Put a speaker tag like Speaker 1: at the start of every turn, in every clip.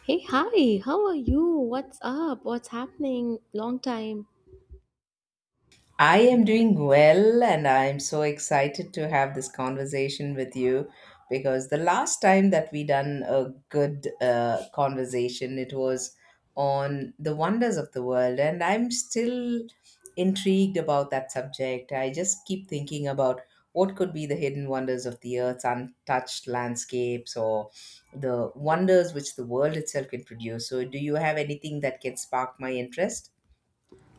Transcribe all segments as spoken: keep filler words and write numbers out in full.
Speaker 1: Hey, hi, how are you? What's up? What's happening? Long time.
Speaker 2: I am doing well, and I'm so excited to have this conversation with you because the last time that we done a good uh, conversation, it was on the wonders of the world, and I'm still intrigued about that subject. I just keep thinking about what could be the hidden wonders of the earth's untouched landscapes or the wonders which the world itself can produce. So, do you have anything that can spark my interest?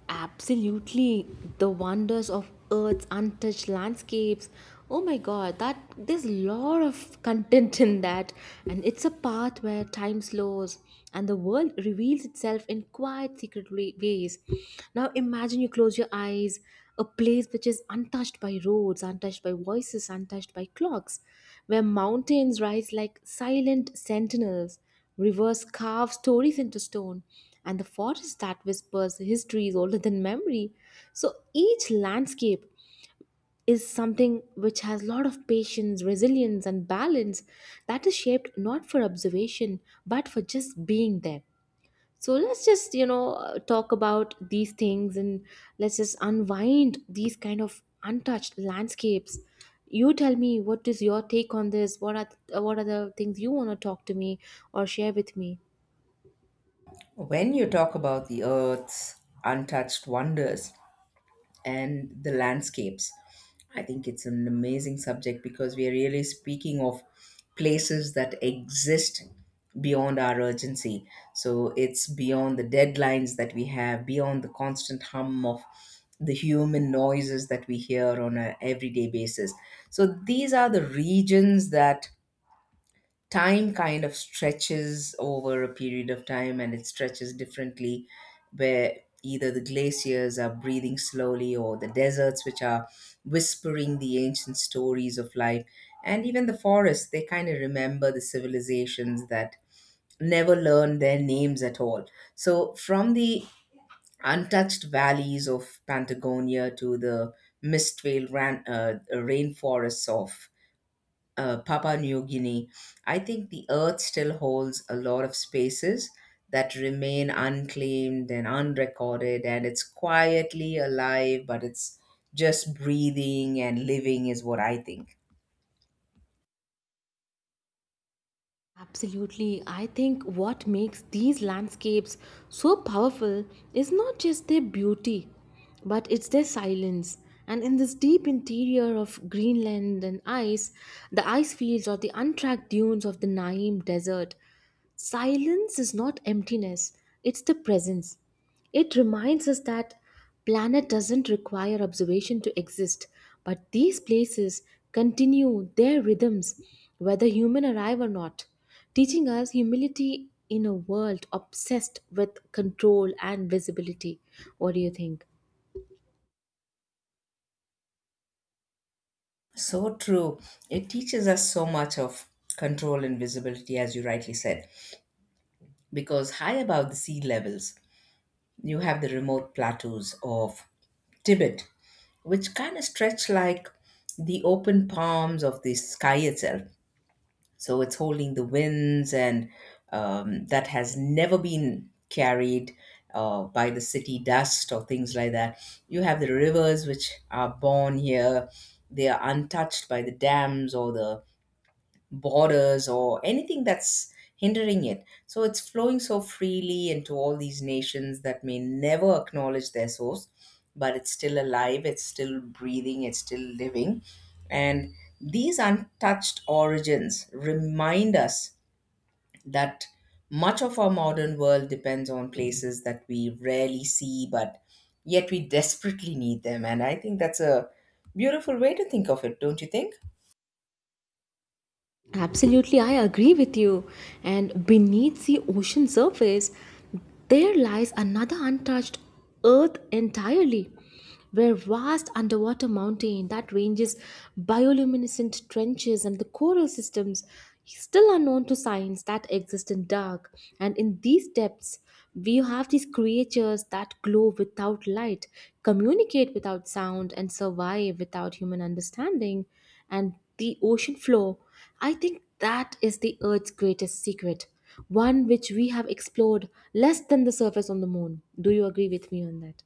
Speaker 1: Absolutely. The wonders of Earth's untouched landscapes. Oh my god, that there's a lot of content in that. And it's a path where time slows and the world reveals itself in quiet, secret wa- ways. Now imagine you close your eyes, a place which is untouched by roads, untouched by voices, untouched by clocks, where mountains rise like silent sentinels. Rivers carve stories into stone, and the forest that whispers history is older than memory. So each landscape is something which has a lot of patience, resilience, and balance that is shaped not for observation but for just being there. So let's just, you know, uh, talk about these things, and let's just unwind these kind of untouched landscapes. You tell me, what is your take on this? What are uh, what are the things you want to talk to me or share with me?
Speaker 2: When you talk about the earth's untouched wonders and the landscapes, I think it's an amazing subject because we are really speaking of places that exist beyond our urgency. So it's beyond the deadlines that we have, beyond the constant hum of the human noises that we hear on an everyday basis. So these are the regions that time kind of stretches over a period of time and it stretches differently where either the glaciers are breathing slowly or the deserts which are whispering the ancient stories of life, and even the forests they kind of remember the civilizations that never learned their names at all. So from the untouched valleys of Patagonia to the mist veiled ran, uh, rainforests of uh, Papua New Guinea, I think the earth still holds a lot of spaces that remain unclaimed and unrecorded, and it's quietly alive, but it's just breathing and living, is what I think.
Speaker 1: Absolutely. I think what makes these landscapes so powerful is not just their beauty, but it's their silence. And in this deep interior of Greenland and ice, the ice fields or the untracked dunes of the Naim Desert, silence is not emptiness, it's the presence. It reminds us that planet doesn't require observation to exist, but these places continue their rhythms whether human arrive or not, teaching us humility in a world obsessed with control and visibility. What do you think?
Speaker 2: So true. It teaches us so much of control and visibility, as you rightly said, because high above the sea levels, you have the remote plateaus of Tibet, which kind of stretch like the open palms of the sky itself. So it's holding the winds and, um, that has never been carried uh, by the city dust or things like that. You have the rivers which are born here. They are untouched by the dams or the borders or anything that's hindering it. So it's flowing so freely into all these nations that may never acknowledge their source, but it's still alive, it's still breathing, it's still living. And these untouched origins remind us that much of our modern world depends on places that we rarely see, but yet we desperately need them. And I think that's a beautiful way to think of it, don't you think?
Speaker 1: Absolutely, I agree with you. And beneath the ocean surface, there lies another untouched earth entirely, where vast underwater mountain that ranges, bioluminescent trenches, and the coral systems still unknown to science that exist in dark. And in these depths, we have these creatures that glow without light, communicate without sound, and survive without human understanding. And the ocean floor, I think that is the Earth's greatest secret, one which we have explored less than the surface on the moon. Do you agree with me on that?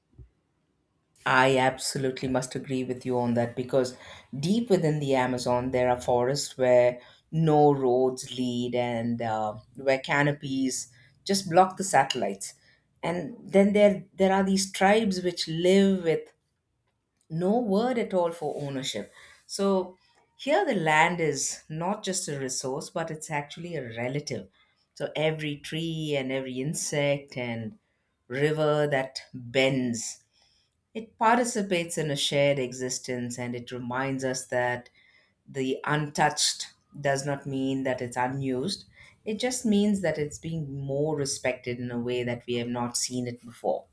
Speaker 2: I absolutely must agree with you on that because deep within the Amazon, there are forests where no roads lead, and uh, where canopies just block the satellites. And then there, there are these tribes which live with no word at all for ownership. So here, the land is not just a resource, but it's actually a relative. So every tree and every insect and river that bends, it participates in a shared existence, and it reminds us that the untouched does not mean that it's unused. It just means that it's being more respected in a way that we have not seen it before.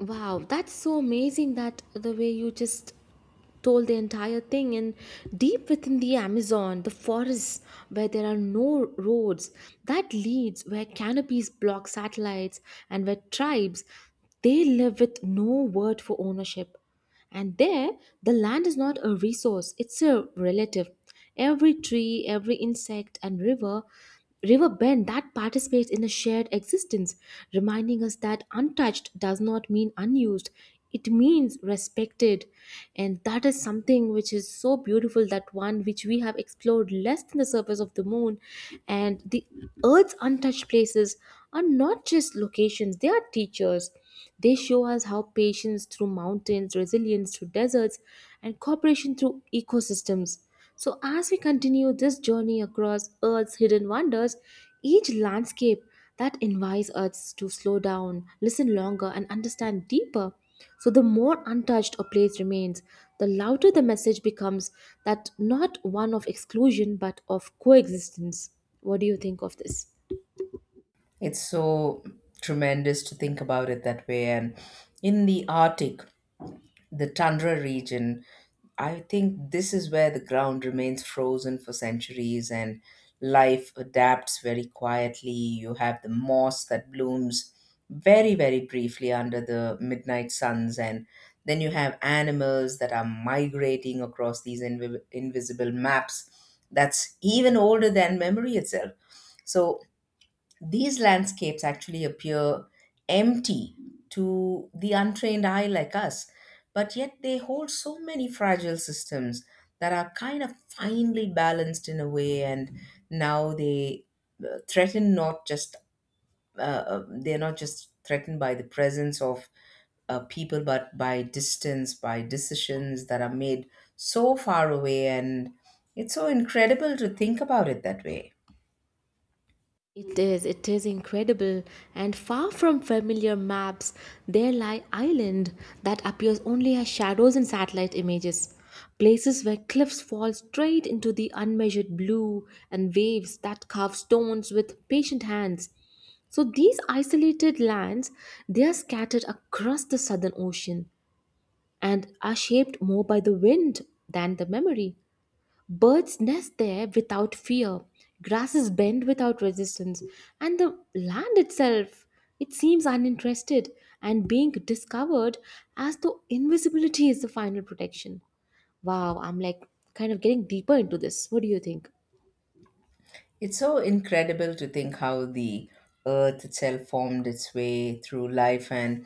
Speaker 1: Wow, that's so amazing, that the way you just told the entire thing. And deep within the Amazon, the forests where there are no roads, that leads, where canopies block satellites and where tribes, they live with no word for ownership. And there, the land is not a resource, it's a relative. Every tree, every insect and river river bend that participates in a shared existence, reminding us that untouched does not mean unused. It means respected. And that is something which is so beautiful, that one which we have explored less than the surface of the moon. And the earth's untouched places are not just locations, they are teachers. They show us how patience through mountains, resilience through deserts, and cooperation through ecosystems. So, as we continue this journey across Earth's hidden wonders, each landscape that invites us to slow down, listen longer, and understand deeper. So, the more untouched a place remains, the louder the message becomes, that not one of exclusion but of coexistence. What do you think of this?
Speaker 2: It's so tremendous to think about it that way. And in the Arctic, the tundra region, I think this is where the ground remains frozen for centuries and life adapts very quietly. You have the moss that blooms very, very briefly under the midnight suns, and then you have animals that are migrating across these invi- invisible maps that's even older than memory itself. So these landscapes actually appear empty to the untrained eye like us, but yet they hold so many fragile systems that are kind of finely balanced in a way, and now they uh, threaten not just uh, uh, they're not just threatened by the presence of uh, people, but by distance, by decisions that are made so far away, and it's so incredible to think about it that way.
Speaker 1: It is, it is incredible. And far from familiar maps, there lie island that appears only as shadows in satellite images. Places where cliffs fall straight into the unmeasured blue and waves that carve stones with patient hands. So these isolated lands, they are scattered across the southern ocean and are shaped more by the wind than the memory. Birds nest there without fear, grasses bend without resistance, and the land itself, it seems uninterested and being discovered, as though invisibility is the final protection. Wow, I'm like kind of getting deeper into this. What do you think?
Speaker 2: It's so incredible to think how the earth itself formed its way through life, and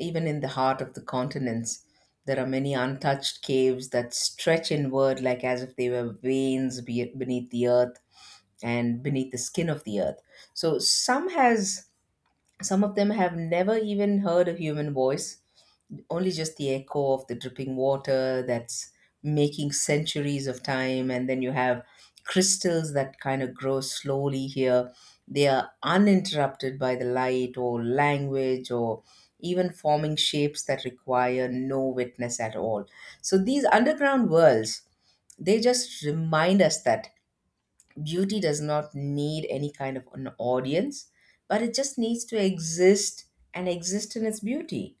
Speaker 2: even in the heart of the continents, there are many untouched caves that stretch inward like as if they were veins be- beneath the earth and beneath the skin of the earth. So some has some of them have never even heard a human voice, only just the echo of the dripping water that's making centuries of time. And then you have crystals that kind of grow slowly here. They are uninterrupted by the light or language, or even forming shapes that require no witness at all. So these underground worlds, they just remind us that beauty does not need any kind of an audience, but it just needs to exist and exist in its beauty.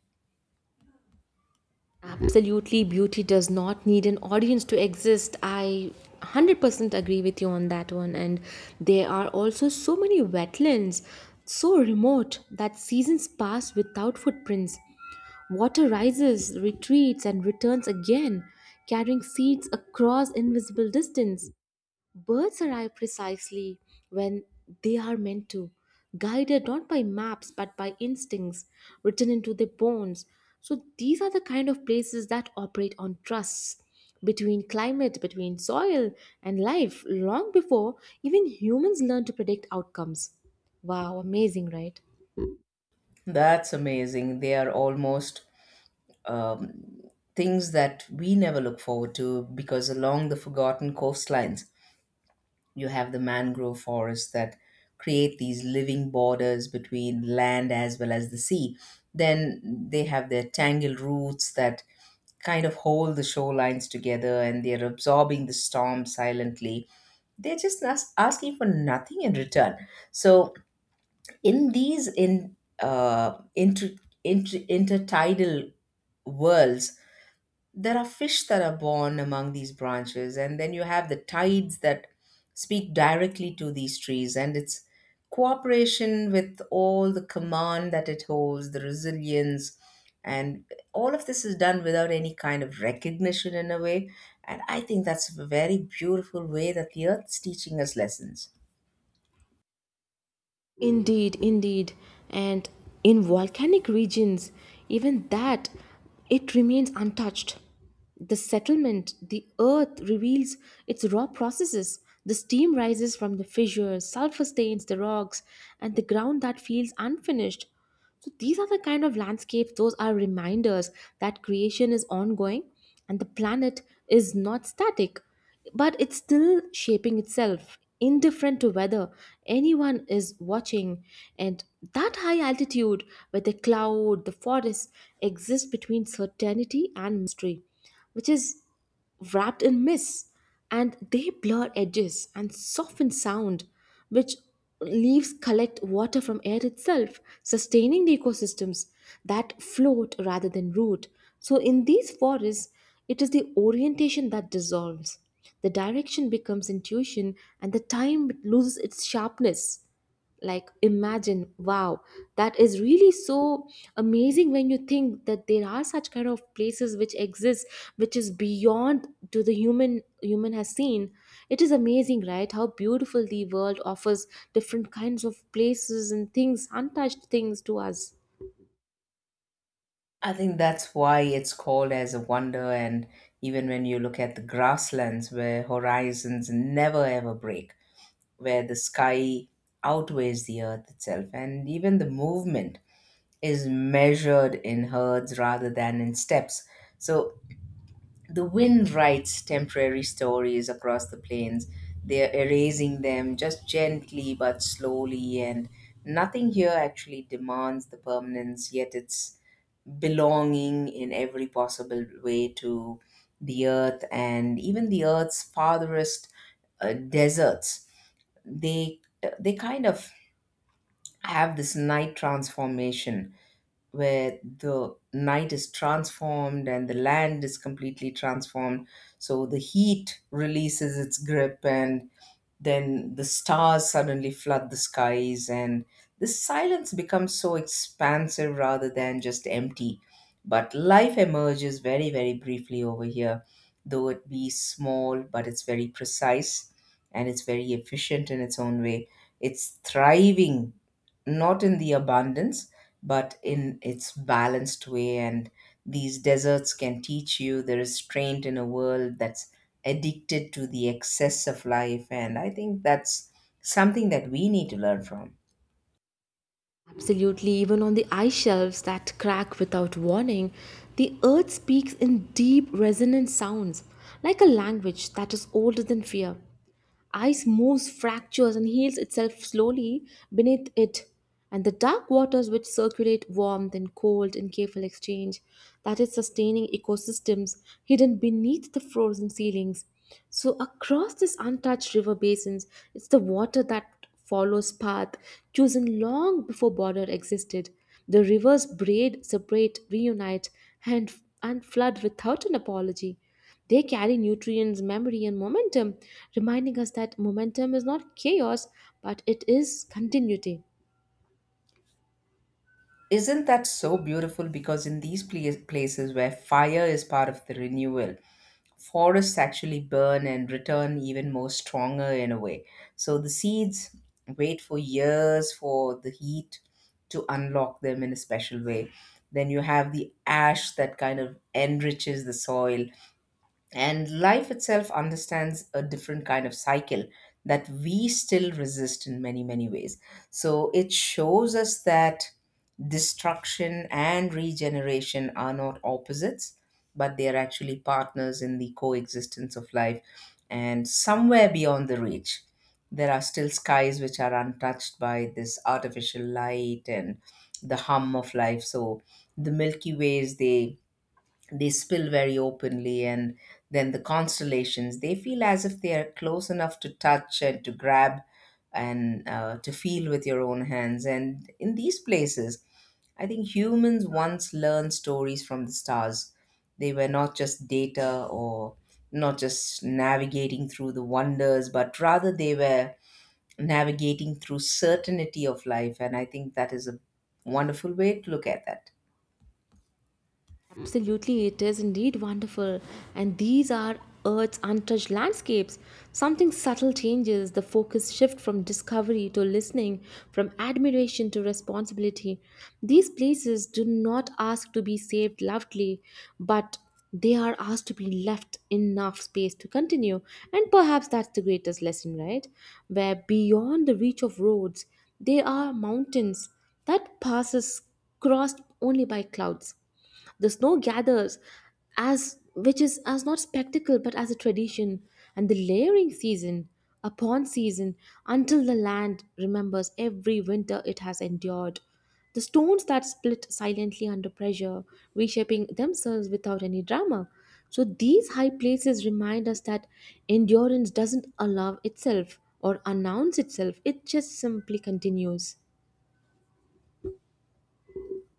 Speaker 1: Absolutely, beauty does not need an audience to exist. I one hundred percent agree with you on that one. And there are also so many wetlands, so remote that seasons pass without footprints. Water rises, retreats, and returns again, carrying seeds across invisible distance. Birds arrive precisely when they are meant to, guided not by maps but by instincts written into their bones. So these are the kind of places that operate on trusts between climate, between soil and life, long before even humans learn to predict outcomes. Wow, amazing, right?
Speaker 2: That's amazing. They are almost um, things that we never look forward to because along the forgotten coastlines, you have the mangrove forests that create these living borders between land as well as the sea. Then they have their tangled roots that kind of hold the shorelines together and they're absorbing the storm silently. They're just nas- asking for nothing in return. So, in these in uh, inter, inter, intertidal worlds, there are fish that are born among these branches, and then you have the tides that speak directly to these trees, and its cooperation with all the command that it holds, the resilience, and all of this is done without any kind of recognition in a way. And I think that's a very beautiful way that the earth is teaching us lessons.
Speaker 1: Indeed, indeed. And in volcanic regions, even that, it remains untouched. The settlement, the earth reveals its raw processes. The steam rises from the fissures, sulfur stains the rocks, and the ground that feels unfinished. So these are the kind of landscapes, those are reminders that creation is ongoing and the planet is not static, but it's still shaping itself, indifferent to whether anyone is watching. And that high altitude where the cloud, the forest exists between certainty and mystery, which is wrapped in mist, and they blur edges and soften sound, which leaves collect water from air itself, sustaining the ecosystems that float rather than root. So in these forests it is the orientation that dissolves, the direction becomes intuition, and the time loses its sharpness. Like, imagine. Wow, that is really so amazing when you think that there are such kind of places which exist, which is beyond to the human human has seen. It is amazing, right, how beautiful the world offers different kinds of places and things, untouched things, to us.
Speaker 2: I think that's why it's called as a wonder, and even when you look at the grasslands where horizons never ever break, where the sky outweighs the earth itself, and even the movement is measured in herds rather than in steps. So the wind writes temporary stories across the plains. They're erasing them just gently but slowly, and nothing here actually demands the permanence, yet it's belonging in every possible way to the earth. And even the earth's farthest uh, deserts, they they kind of have this night transformation, where the night is transformed and the land is completely transformed. So the heat releases its grip and then the stars suddenly flood the skies, and the silence becomes so expansive rather than just empty. But life emerges very, very briefly over here. Though it be small, but it's very precise and it's very efficient in its own way. It's thriving not in the abundance, but in its balanced way. And these deserts can teach you the restraint in a world that's addicted to the excess of life. And I think that's something that we need to learn from.
Speaker 1: Absolutely, even on the ice shelves that crack without warning, the earth speaks in deep, resonant sounds, like a language that is older than fear. Ice moves, fractures, and heals itself slowly beneath it. And the dark waters which circulate warmth and cold in careful exchange, that is sustaining ecosystems hidden beneath the frozen ceilings. So across this untouched river basins, it's the water that follows path chosen long before border existed. The rivers braid, separate, reunite, and and flood without an apology. They carry nutrients, memory, and momentum, reminding us that momentum is not chaos but it is continuity.
Speaker 2: Isn't that so beautiful? Because in these pla- places where fire is part of the renewal, forests actually burn and return even more stronger in a way. So the seeds wait for years for the heat to unlock them in a special way. Then you have the ash that kind of enriches the soil, and life itself understands a different kind of cycle that we still resist in many, many ways. So it shows us that destruction and regeneration are not opposites, but they are actually partners in the coexistence of life. And somewhere beyond the reach, there are still skies which are untouched by this artificial light and the hum of life. So the Milky Ways, they they spill very openly, and then the constellations, they feel as if they are close enough to touch and to grab and uh, to feel with your own hands. And in these places, I think humans once learned stories from the stars. They were not just data or not just navigating through the wonders, but rather they were navigating through certainty of life, and I think that is a wonderful way to look at that.
Speaker 1: Absolutely, it is indeed wonderful. And these are Earth's untouched landscapes. Something subtle changes the focus shift from discovery to listening, from admiration to responsibility. These places do not ask to be saved loudly, but they are asked to be left enough space to continue. And perhaps that's the greatest lesson, right? Where beyond the reach of roads, there are mountains that passes crossed only by clouds, the snow gathers as which is as not spectacle but as a tradition, and the layering season upon season, until the land remembers every winter it has endured. The stones that split silently under pressure, reshaping themselves without any drama. So these high places remind us that endurance doesn't allow itself or announce itself, it just simply continues.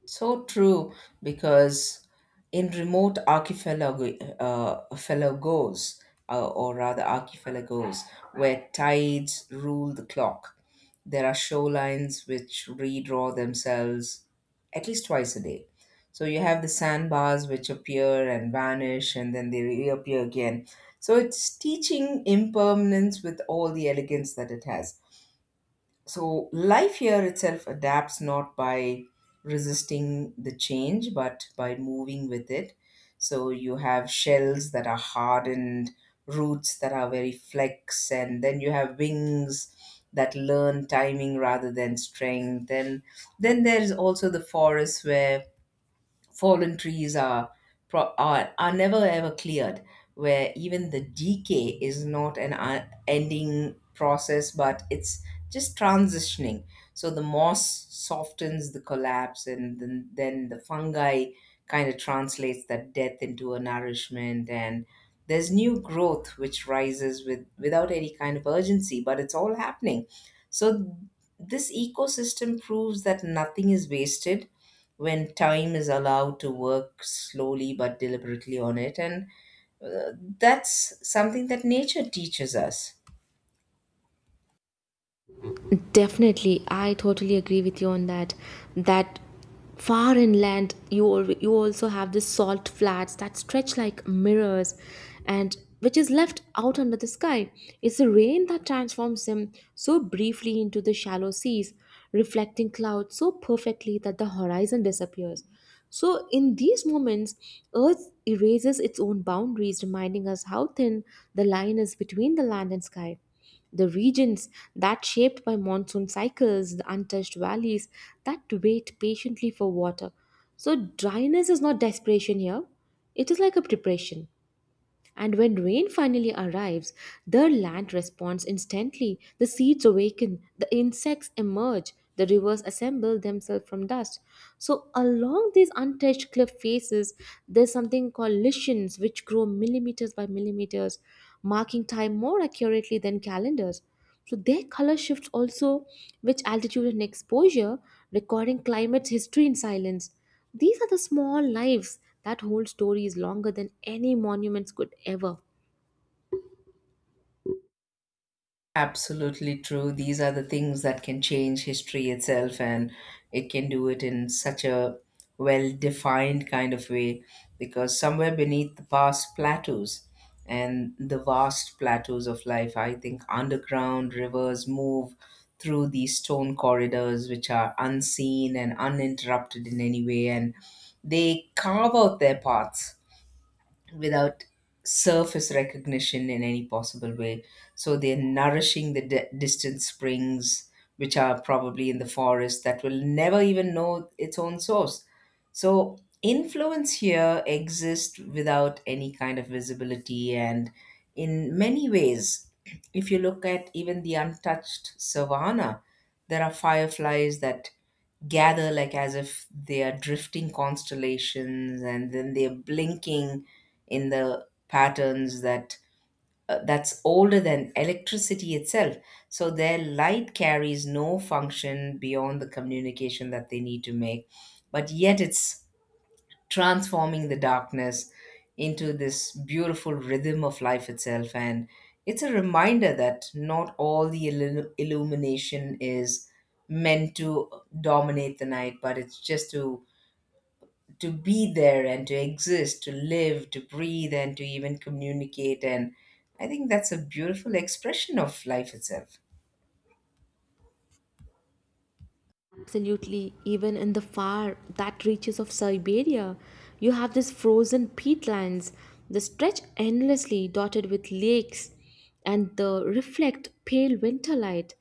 Speaker 2: So true, because in remote archipelago, uh, archipelagos, uh, or rather archipelagos, where tides rule the clock, there are shorelines which redraw themselves at least twice a day. So you have the sandbars which appear and vanish, and then they reappear again. So it's teaching impermanence with all the elegance that it has. So life here itself adapts not by resisting the change, but by moving with it. So you have shells that are hardened, roots that are very flex, and then you have wings that learn timing rather than strength. And then there's also the forest where fallen trees are, pro- are are never ever cleared, where even the decay is not an un- ending process but it's just transitioning. So the moss softens the collapse, and then, then the fungi kind of translates that death into a nourishment, and there's new growth which rises with without any kind of urgency, but it's all happening. So this ecosystem proves that nothing is wasted when time is allowed to work slowly but deliberately on it. And that's something that nature teaches us.
Speaker 1: Definitely, I totally agree with you on that. That far inland, you al- you also have the salt flats that stretch like mirrors, and which is left out under the sky. It's the rain that transforms them so briefly into the shallow seas, reflecting clouds so perfectly that the horizon disappears. So, in these moments, Earth erases its own boundaries, reminding us how thin the line is between the land and sky. The regions that shaped by monsoon cycles, the untouched valleys that wait patiently for water. So, dryness is not desperation here, it is like a preparation. And when rain finally arrives, the land responds instantly. The seeds awaken, the insects emerge, the rivers assemble themselves from dust. So, along these untouched cliff faces, there's something called lichens, which grow millimeters by millimeters, marking time more accurately than calendars. So, their color shifts also which altitude and exposure, recording climate's history in silence. These are the small lives that hold stories longer than any monuments could ever.
Speaker 2: Absolutely true. These are the things that can change history itself, and it can do it in such a well defined kind of way because somewhere beneath the vast plateaus and the vast plateaus of life, I think underground rivers move through these stone corridors which are unseen and uninterrupted in any way, and they carve out their paths without surface recognition in any possible way. So they're nourishing the di- distant springs, which are probably in the forest that will never even know its own source. So influence here exists without any kind of visibility, and in many ways, if you look at even the untouched savanna, there are fireflies that gather like as if they are drifting constellations and then they're blinking in the patterns that uh, that's older than electricity itself, so their light carries no function beyond the communication that they need to make, but yet it's transforming the darkness into this beautiful rhythm of life itself. And it's a reminder that not all the illu- illumination is meant to dominate the night, but it's just to to be there and to exist, to live, to breathe, and to even communicate. And I think that's a beautiful expression of life itself.
Speaker 1: Absolutely, even in the far that reaches of Siberia, you have these frozen peatlands that stretch endlessly, dotted with lakes, and the reflect pale winter light.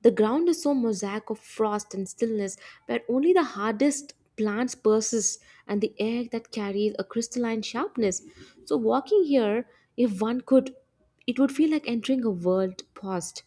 Speaker 1: The ground is so mosaic of frost and stillness, where only the hardest plants persist, and the air that carries a crystalline sharpness. So, walking here, if one could, it would feel like entering a world paused,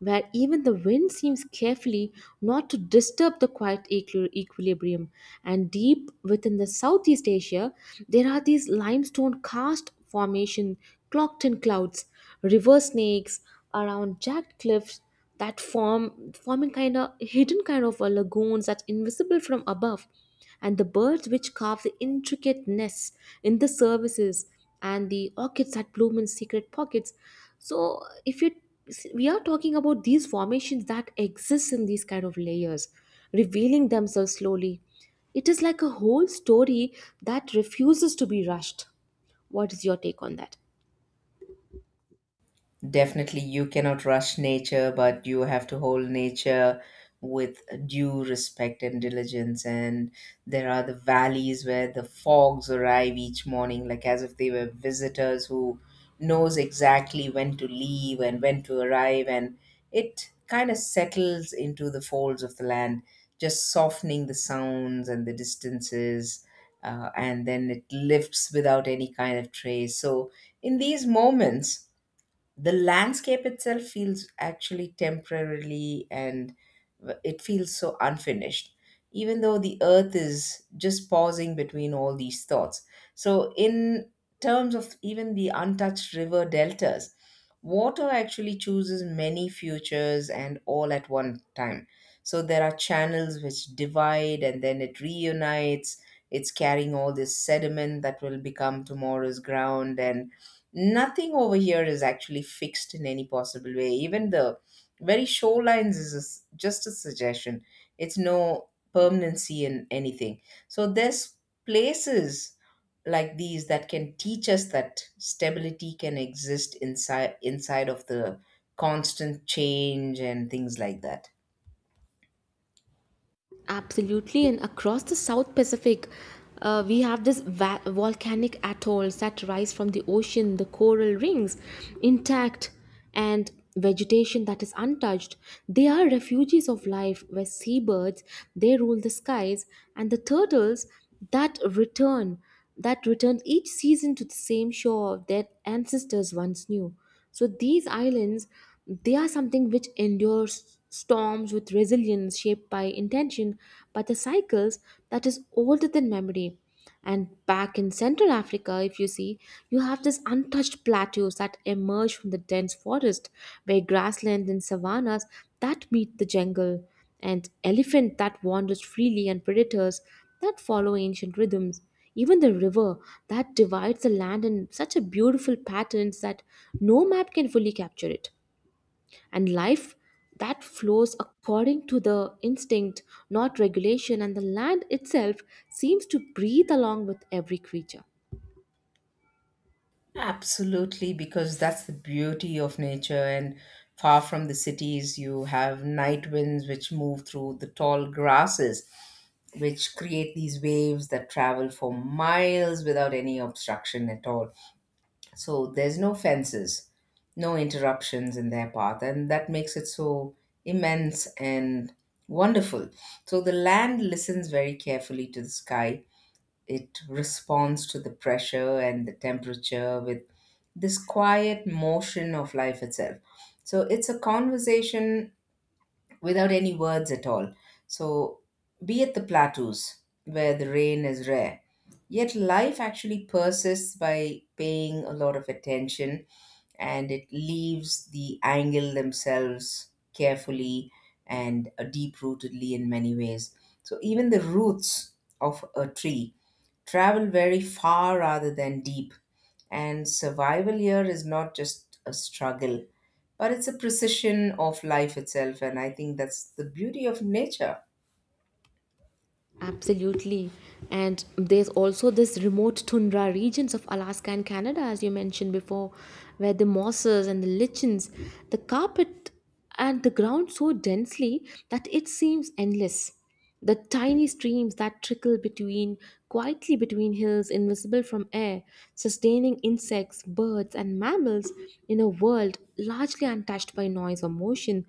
Speaker 1: where even the wind seems carefully not to disturb the quiet equi- equilibrium. And deep within the Southeast Asia, there are these limestone karst formation clocked in clouds, river snakes around jagged cliffs that form forming kind of hidden kind of uh, lagoons that's invisible from above, and the birds which carve the intricate nests in the services, and the orchids that bloom in secret pockets. So if you, we are talking about these formations that exist in these kind of layers, revealing themselves slowly, it is like a whole story that refuses to be rushed. What is your take on that?
Speaker 2: Definitely, you cannot rush nature, but you have to hold nature with due respect and diligence. And there are the valleys where the fogs arrive each morning, like as if they were visitors who knows exactly when to leave and when to arrive. And it kind of settles into the folds of the land, just softening the sounds and the distances. Uh, and then it lifts without any kind of trace. So, in these moments, the landscape itself feels actually temporarily, and w- it feels so unfinished, even though the earth is just pausing between all these thoughts. So in terms of even the untouched river deltas, water actually chooses many futures and all at one time. So there are channels which divide and then it reunites. It's carrying all this sediment that will become tomorrow's ground, and nothing over here is actually fixed in any possible way. Even the very shorelines is a s just a suggestion. It's no permanency in anything. So there's places like these that can teach us that stability can exist inside inside of the constant change and things like that.
Speaker 1: Absolutely, and across the South Pacific, uh, we have this va- volcanic atolls that rise from the ocean, the coral rings intact, and vegetation that is untouched. They are refuges of life where seabirds, they rule the skies, and the turtles that return that return each season to the same shore their ancestors once knew. So these islands, they are something which endures storms with resilience shaped by intention, by the cycles that is older than memory. And back in Central Africa, if you see, you have these untouched plateaus that emerge from the dense forest, where grasslands and savannas that meet the jungle, and elephant that wanders freely, and predators that follow ancient rhythms. Even the river that divides the land in such a beautiful patterns that no map can fully capture it, and life that flows according to the instinct, not regulation, and the land itself seems to breathe along with every creature.
Speaker 2: Absolutely, because that's the beauty of nature. And far from the cities, you have night winds which move through the tall grasses, which create these waves that travel for miles without any obstruction at all. So there's no fences, no interruptions in their path, and that makes it so immense and wonderful. So the land listens very carefully to the sky. It responds to the pressure and the temperature with this quiet motion of life itself. So it's a conversation without any words at all. So be at the plateaus where the rain is rare. Yet life actually persists by paying a lot of attention, and it leaves the angle themselves carefully and deep rootedly in many ways. So even the roots of a tree travel very far rather than deep. And survival here is not just a struggle, but it's a precision of life itself. And I think that's the beauty of nature.
Speaker 1: Absolutely. And there's also this remote tundra regions of Alaska and Canada, as you mentioned before, where the mosses and the lichens, the carpet and the ground so densely that it seems endless. The tiny streams that trickle between quietly between hills, invisible from air, sustaining insects, birds, and mammals in a world largely untouched by noise or motion.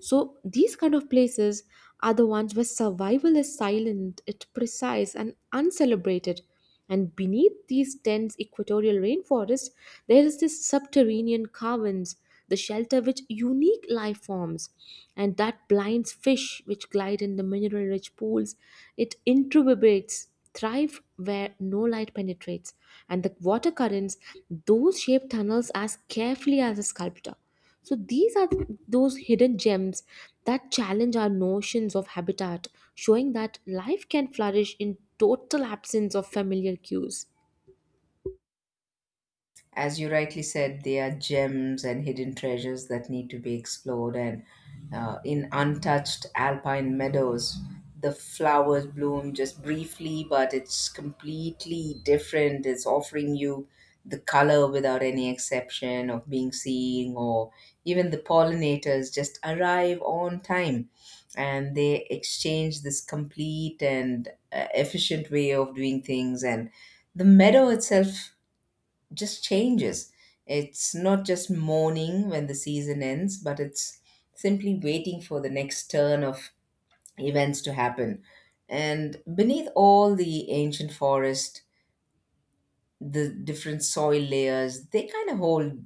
Speaker 1: So these kind of places are the ones where survival is silent, it's precise and uncelebrated. And beneath these dense equatorial rainforests, there is this subterranean caverns, the shelter which unique life forms, and that blinds fish which glide in the mineral-rich pools. It introverbates, thrive where no light penetrates, and the water currents, those shape tunnels as carefully as a sculptor. So these are th- those hidden gems that challenge our notions of habitat, showing that life can flourish in total absence of familiar cues.
Speaker 2: As you rightly said, they are gems and hidden treasures that need to be explored. And uh, in untouched alpine meadows, the flowers bloom just briefly, but it's completely different. It's offering you the color without any exception of being seen, or even the pollinators just arrive on time and they exchange this complete and uh, efficient way of doing things. And the meadow itself just changes. It's not just mourning when the season ends, but it's simply waiting for the next turn of events to happen. And beneath all the ancient forest, the different soil layers, they kind of hold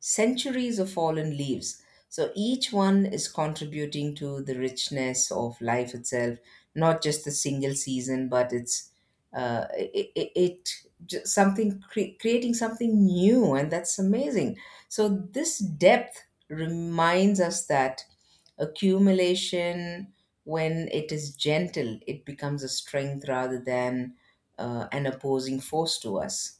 Speaker 2: centuries of fallen leaves. So each one is contributing to the richness of life itself, not just the single season, but it's uh, it, it, it j- something cre- creating something new, and that's amazing. So this depth reminds us that accumulation, when it is gentle, it becomes a strength rather than uh, an opposing force to us.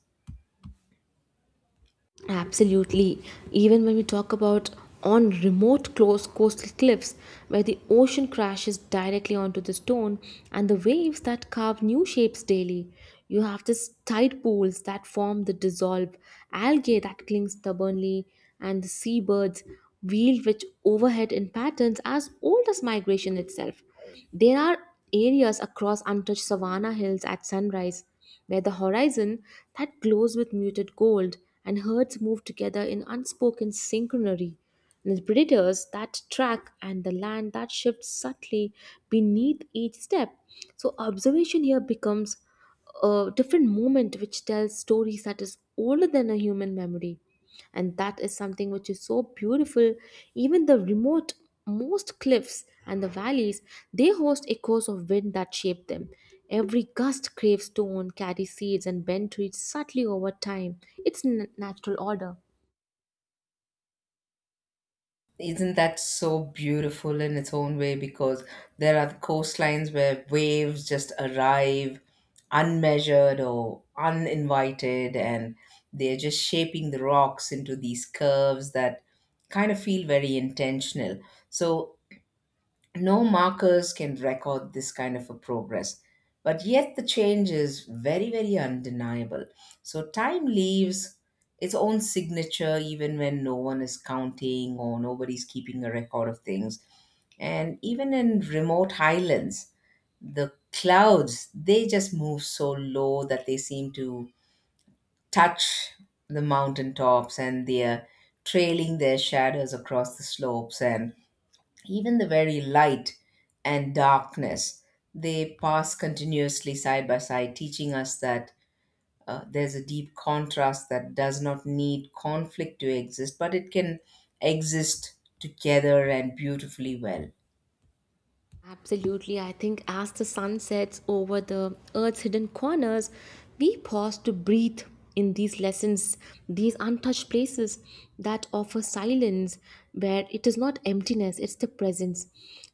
Speaker 1: Absolutely. Even when we talk about on remote close coastal cliffs where the ocean crashes directly onto the stone and the waves that carve new shapes daily, you have these tide pools that form the dissolve, algae that cling stubbornly, and the seabirds wheeled which overhead in patterns as old as migration itself. There are areas across untouched savanna hills at sunrise where the horizon that glows with muted gold and herds move together in unspoken synchrony, and the predators that track and the land that shifts subtly beneath each step. So observation here becomes a different moment which tells stories that is older than a human memory, and that is something which is so beautiful. Even the remote most cliffs and the valleys, they host echoes of wind that shape them. Every gust craves stone, carries seeds and bend trees subtly over time. It's n- natural order.
Speaker 2: Isn't that so beautiful in its own way? Because there are coastlines where waves just arrive unmeasured or uninvited, and they're just shaping the rocks into these curves that kind of feel very intentional. So no markers can record this kind of a progress, but yet the change is very, very undeniable. So time leaves its own signature even when no one is counting or nobody's keeping a record of things. And even in remote highlands, the clouds, they just move so low that they seem to touch the mountain tops, and they're trailing their shadows across the slopes. And even the very light and darkness, they pass continuously side by side, teaching us that uh, there's a deep contrast that does not need conflict to exist, but it can exist together and beautifully well.
Speaker 1: Absolutely. I think as the sun sets over the earth's hidden corners, we pause to breathe in these lessons, these untouched places that offer silence, where it is not emptiness, it's the presence.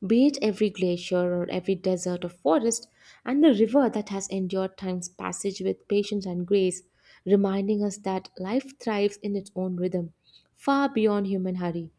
Speaker 1: Be it every glacier or every desert or forest, and the river that has endured time's passage with patience and grace, reminding us that life thrives in its own rhythm, far beyond human hurry.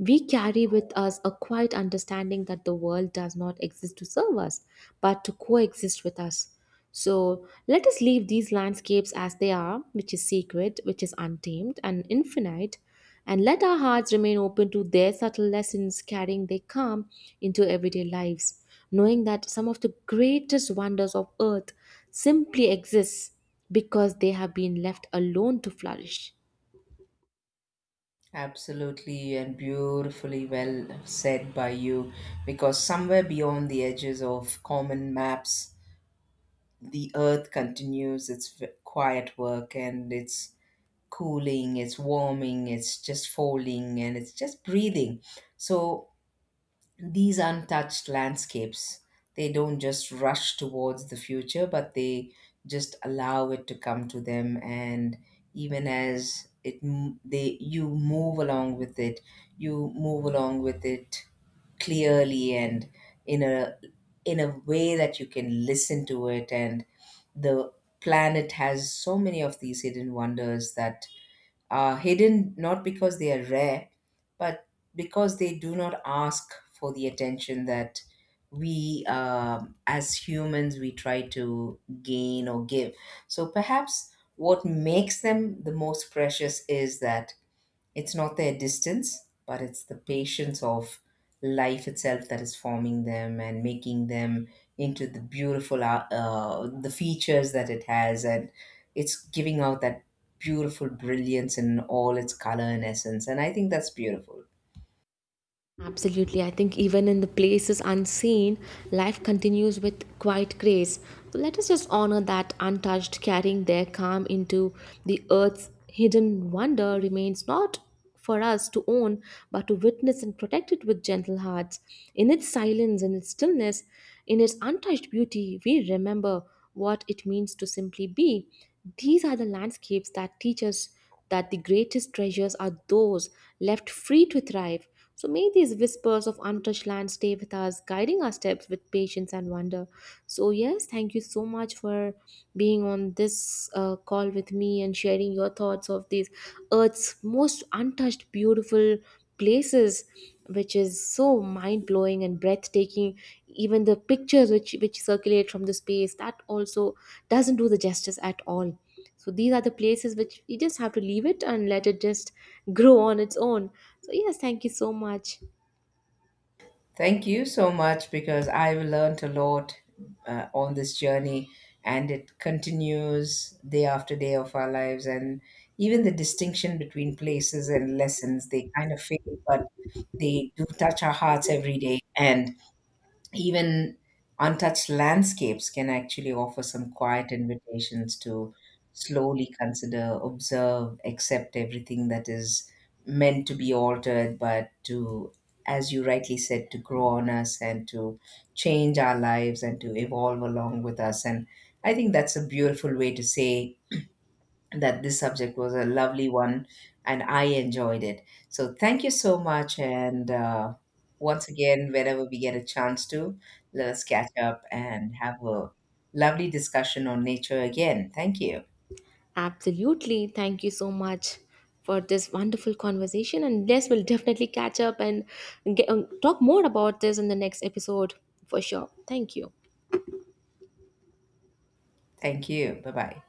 Speaker 1: We carry with us a quiet understanding that the world does not exist to serve us, but to coexist with us. So let us leave these landscapes as they are, which is sacred, which is untamed and infinite, and let our hearts remain open to their subtle lessons, carrying their calm into everyday lives, knowing that some of the greatest wonders of earth simply exist because they have been left alone to flourish.
Speaker 2: Absolutely and beautifully well said by you, because somewhere beyond the edges of common maps, the earth continues its v- quiet work, and its cooling, it's warming, it's just folding, and it's just breathing. So these untouched landscapes, they don't just rush towards the future, but they just allow it to come to them. And even as it, m- they you move along with it, you move along with it clearly and in a in a way that you can listen to it. And the planet has so many of these hidden wonders that uh, hidden not because they are rare, but because they do not ask for the attention that we, um as humans, we try to gain or give. So perhaps what makes them the most precious is that it's not their distance, but it's the patience of life itself that is forming them and making them into the beautiful uh, uh, the features that it has, and it's giving out that beautiful brilliance in all its color and essence. And I think that's beautiful.
Speaker 1: Absolutely. I think even in the places unseen, life continues with quiet grace. So let us just honor that untouched, carrying their calm into the earth's hidden wonder remains not for us to own, but to witness and protect it with gentle hearts. In its silence, in its stillness, in its untouched beauty, we remember what it means to simply be. These are the landscapes that teach us that the greatest treasures are those left free to thrive. So may these whispers of untouched land stay with us, guiding our steps with patience and wonder. So, yes, thank you so much for being on this uh, call with me and sharing your thoughts of these Earth's most untouched, beautiful places, which is so mind blowing and breathtaking. Even the pictures which which circulate from the space, that also doesn't do the justice at all. So these are the places which you just have to leave it and let it just grow on its own. So yes, thank you so much.
Speaker 2: Thank you so much, because I've learned a lot uh, on this journey, and it continues day after day of our lives. And even the distinction between places and lessons, they kind of fade, but they do touch our hearts every day. And even untouched landscapes can actually offer some quiet invitations to slowly consider, observe, accept everything that is meant to be altered, but to, as you rightly said, to grow on us and to change our lives and to evolve along with us. And I think that's a beautiful way to say that this subject was a lovely one, and I enjoyed it. So thank you so much. And uh, once again, whenever we get a chance to, let us catch up and have a lovely discussion on nature again. Thank you.
Speaker 1: Absolutely, thank you so much for this wonderful conversation, and yes, we'll definitely catch up and get, um, talk more about this in the next episode for sure. Thank you.
Speaker 2: Thank you. Bye bye.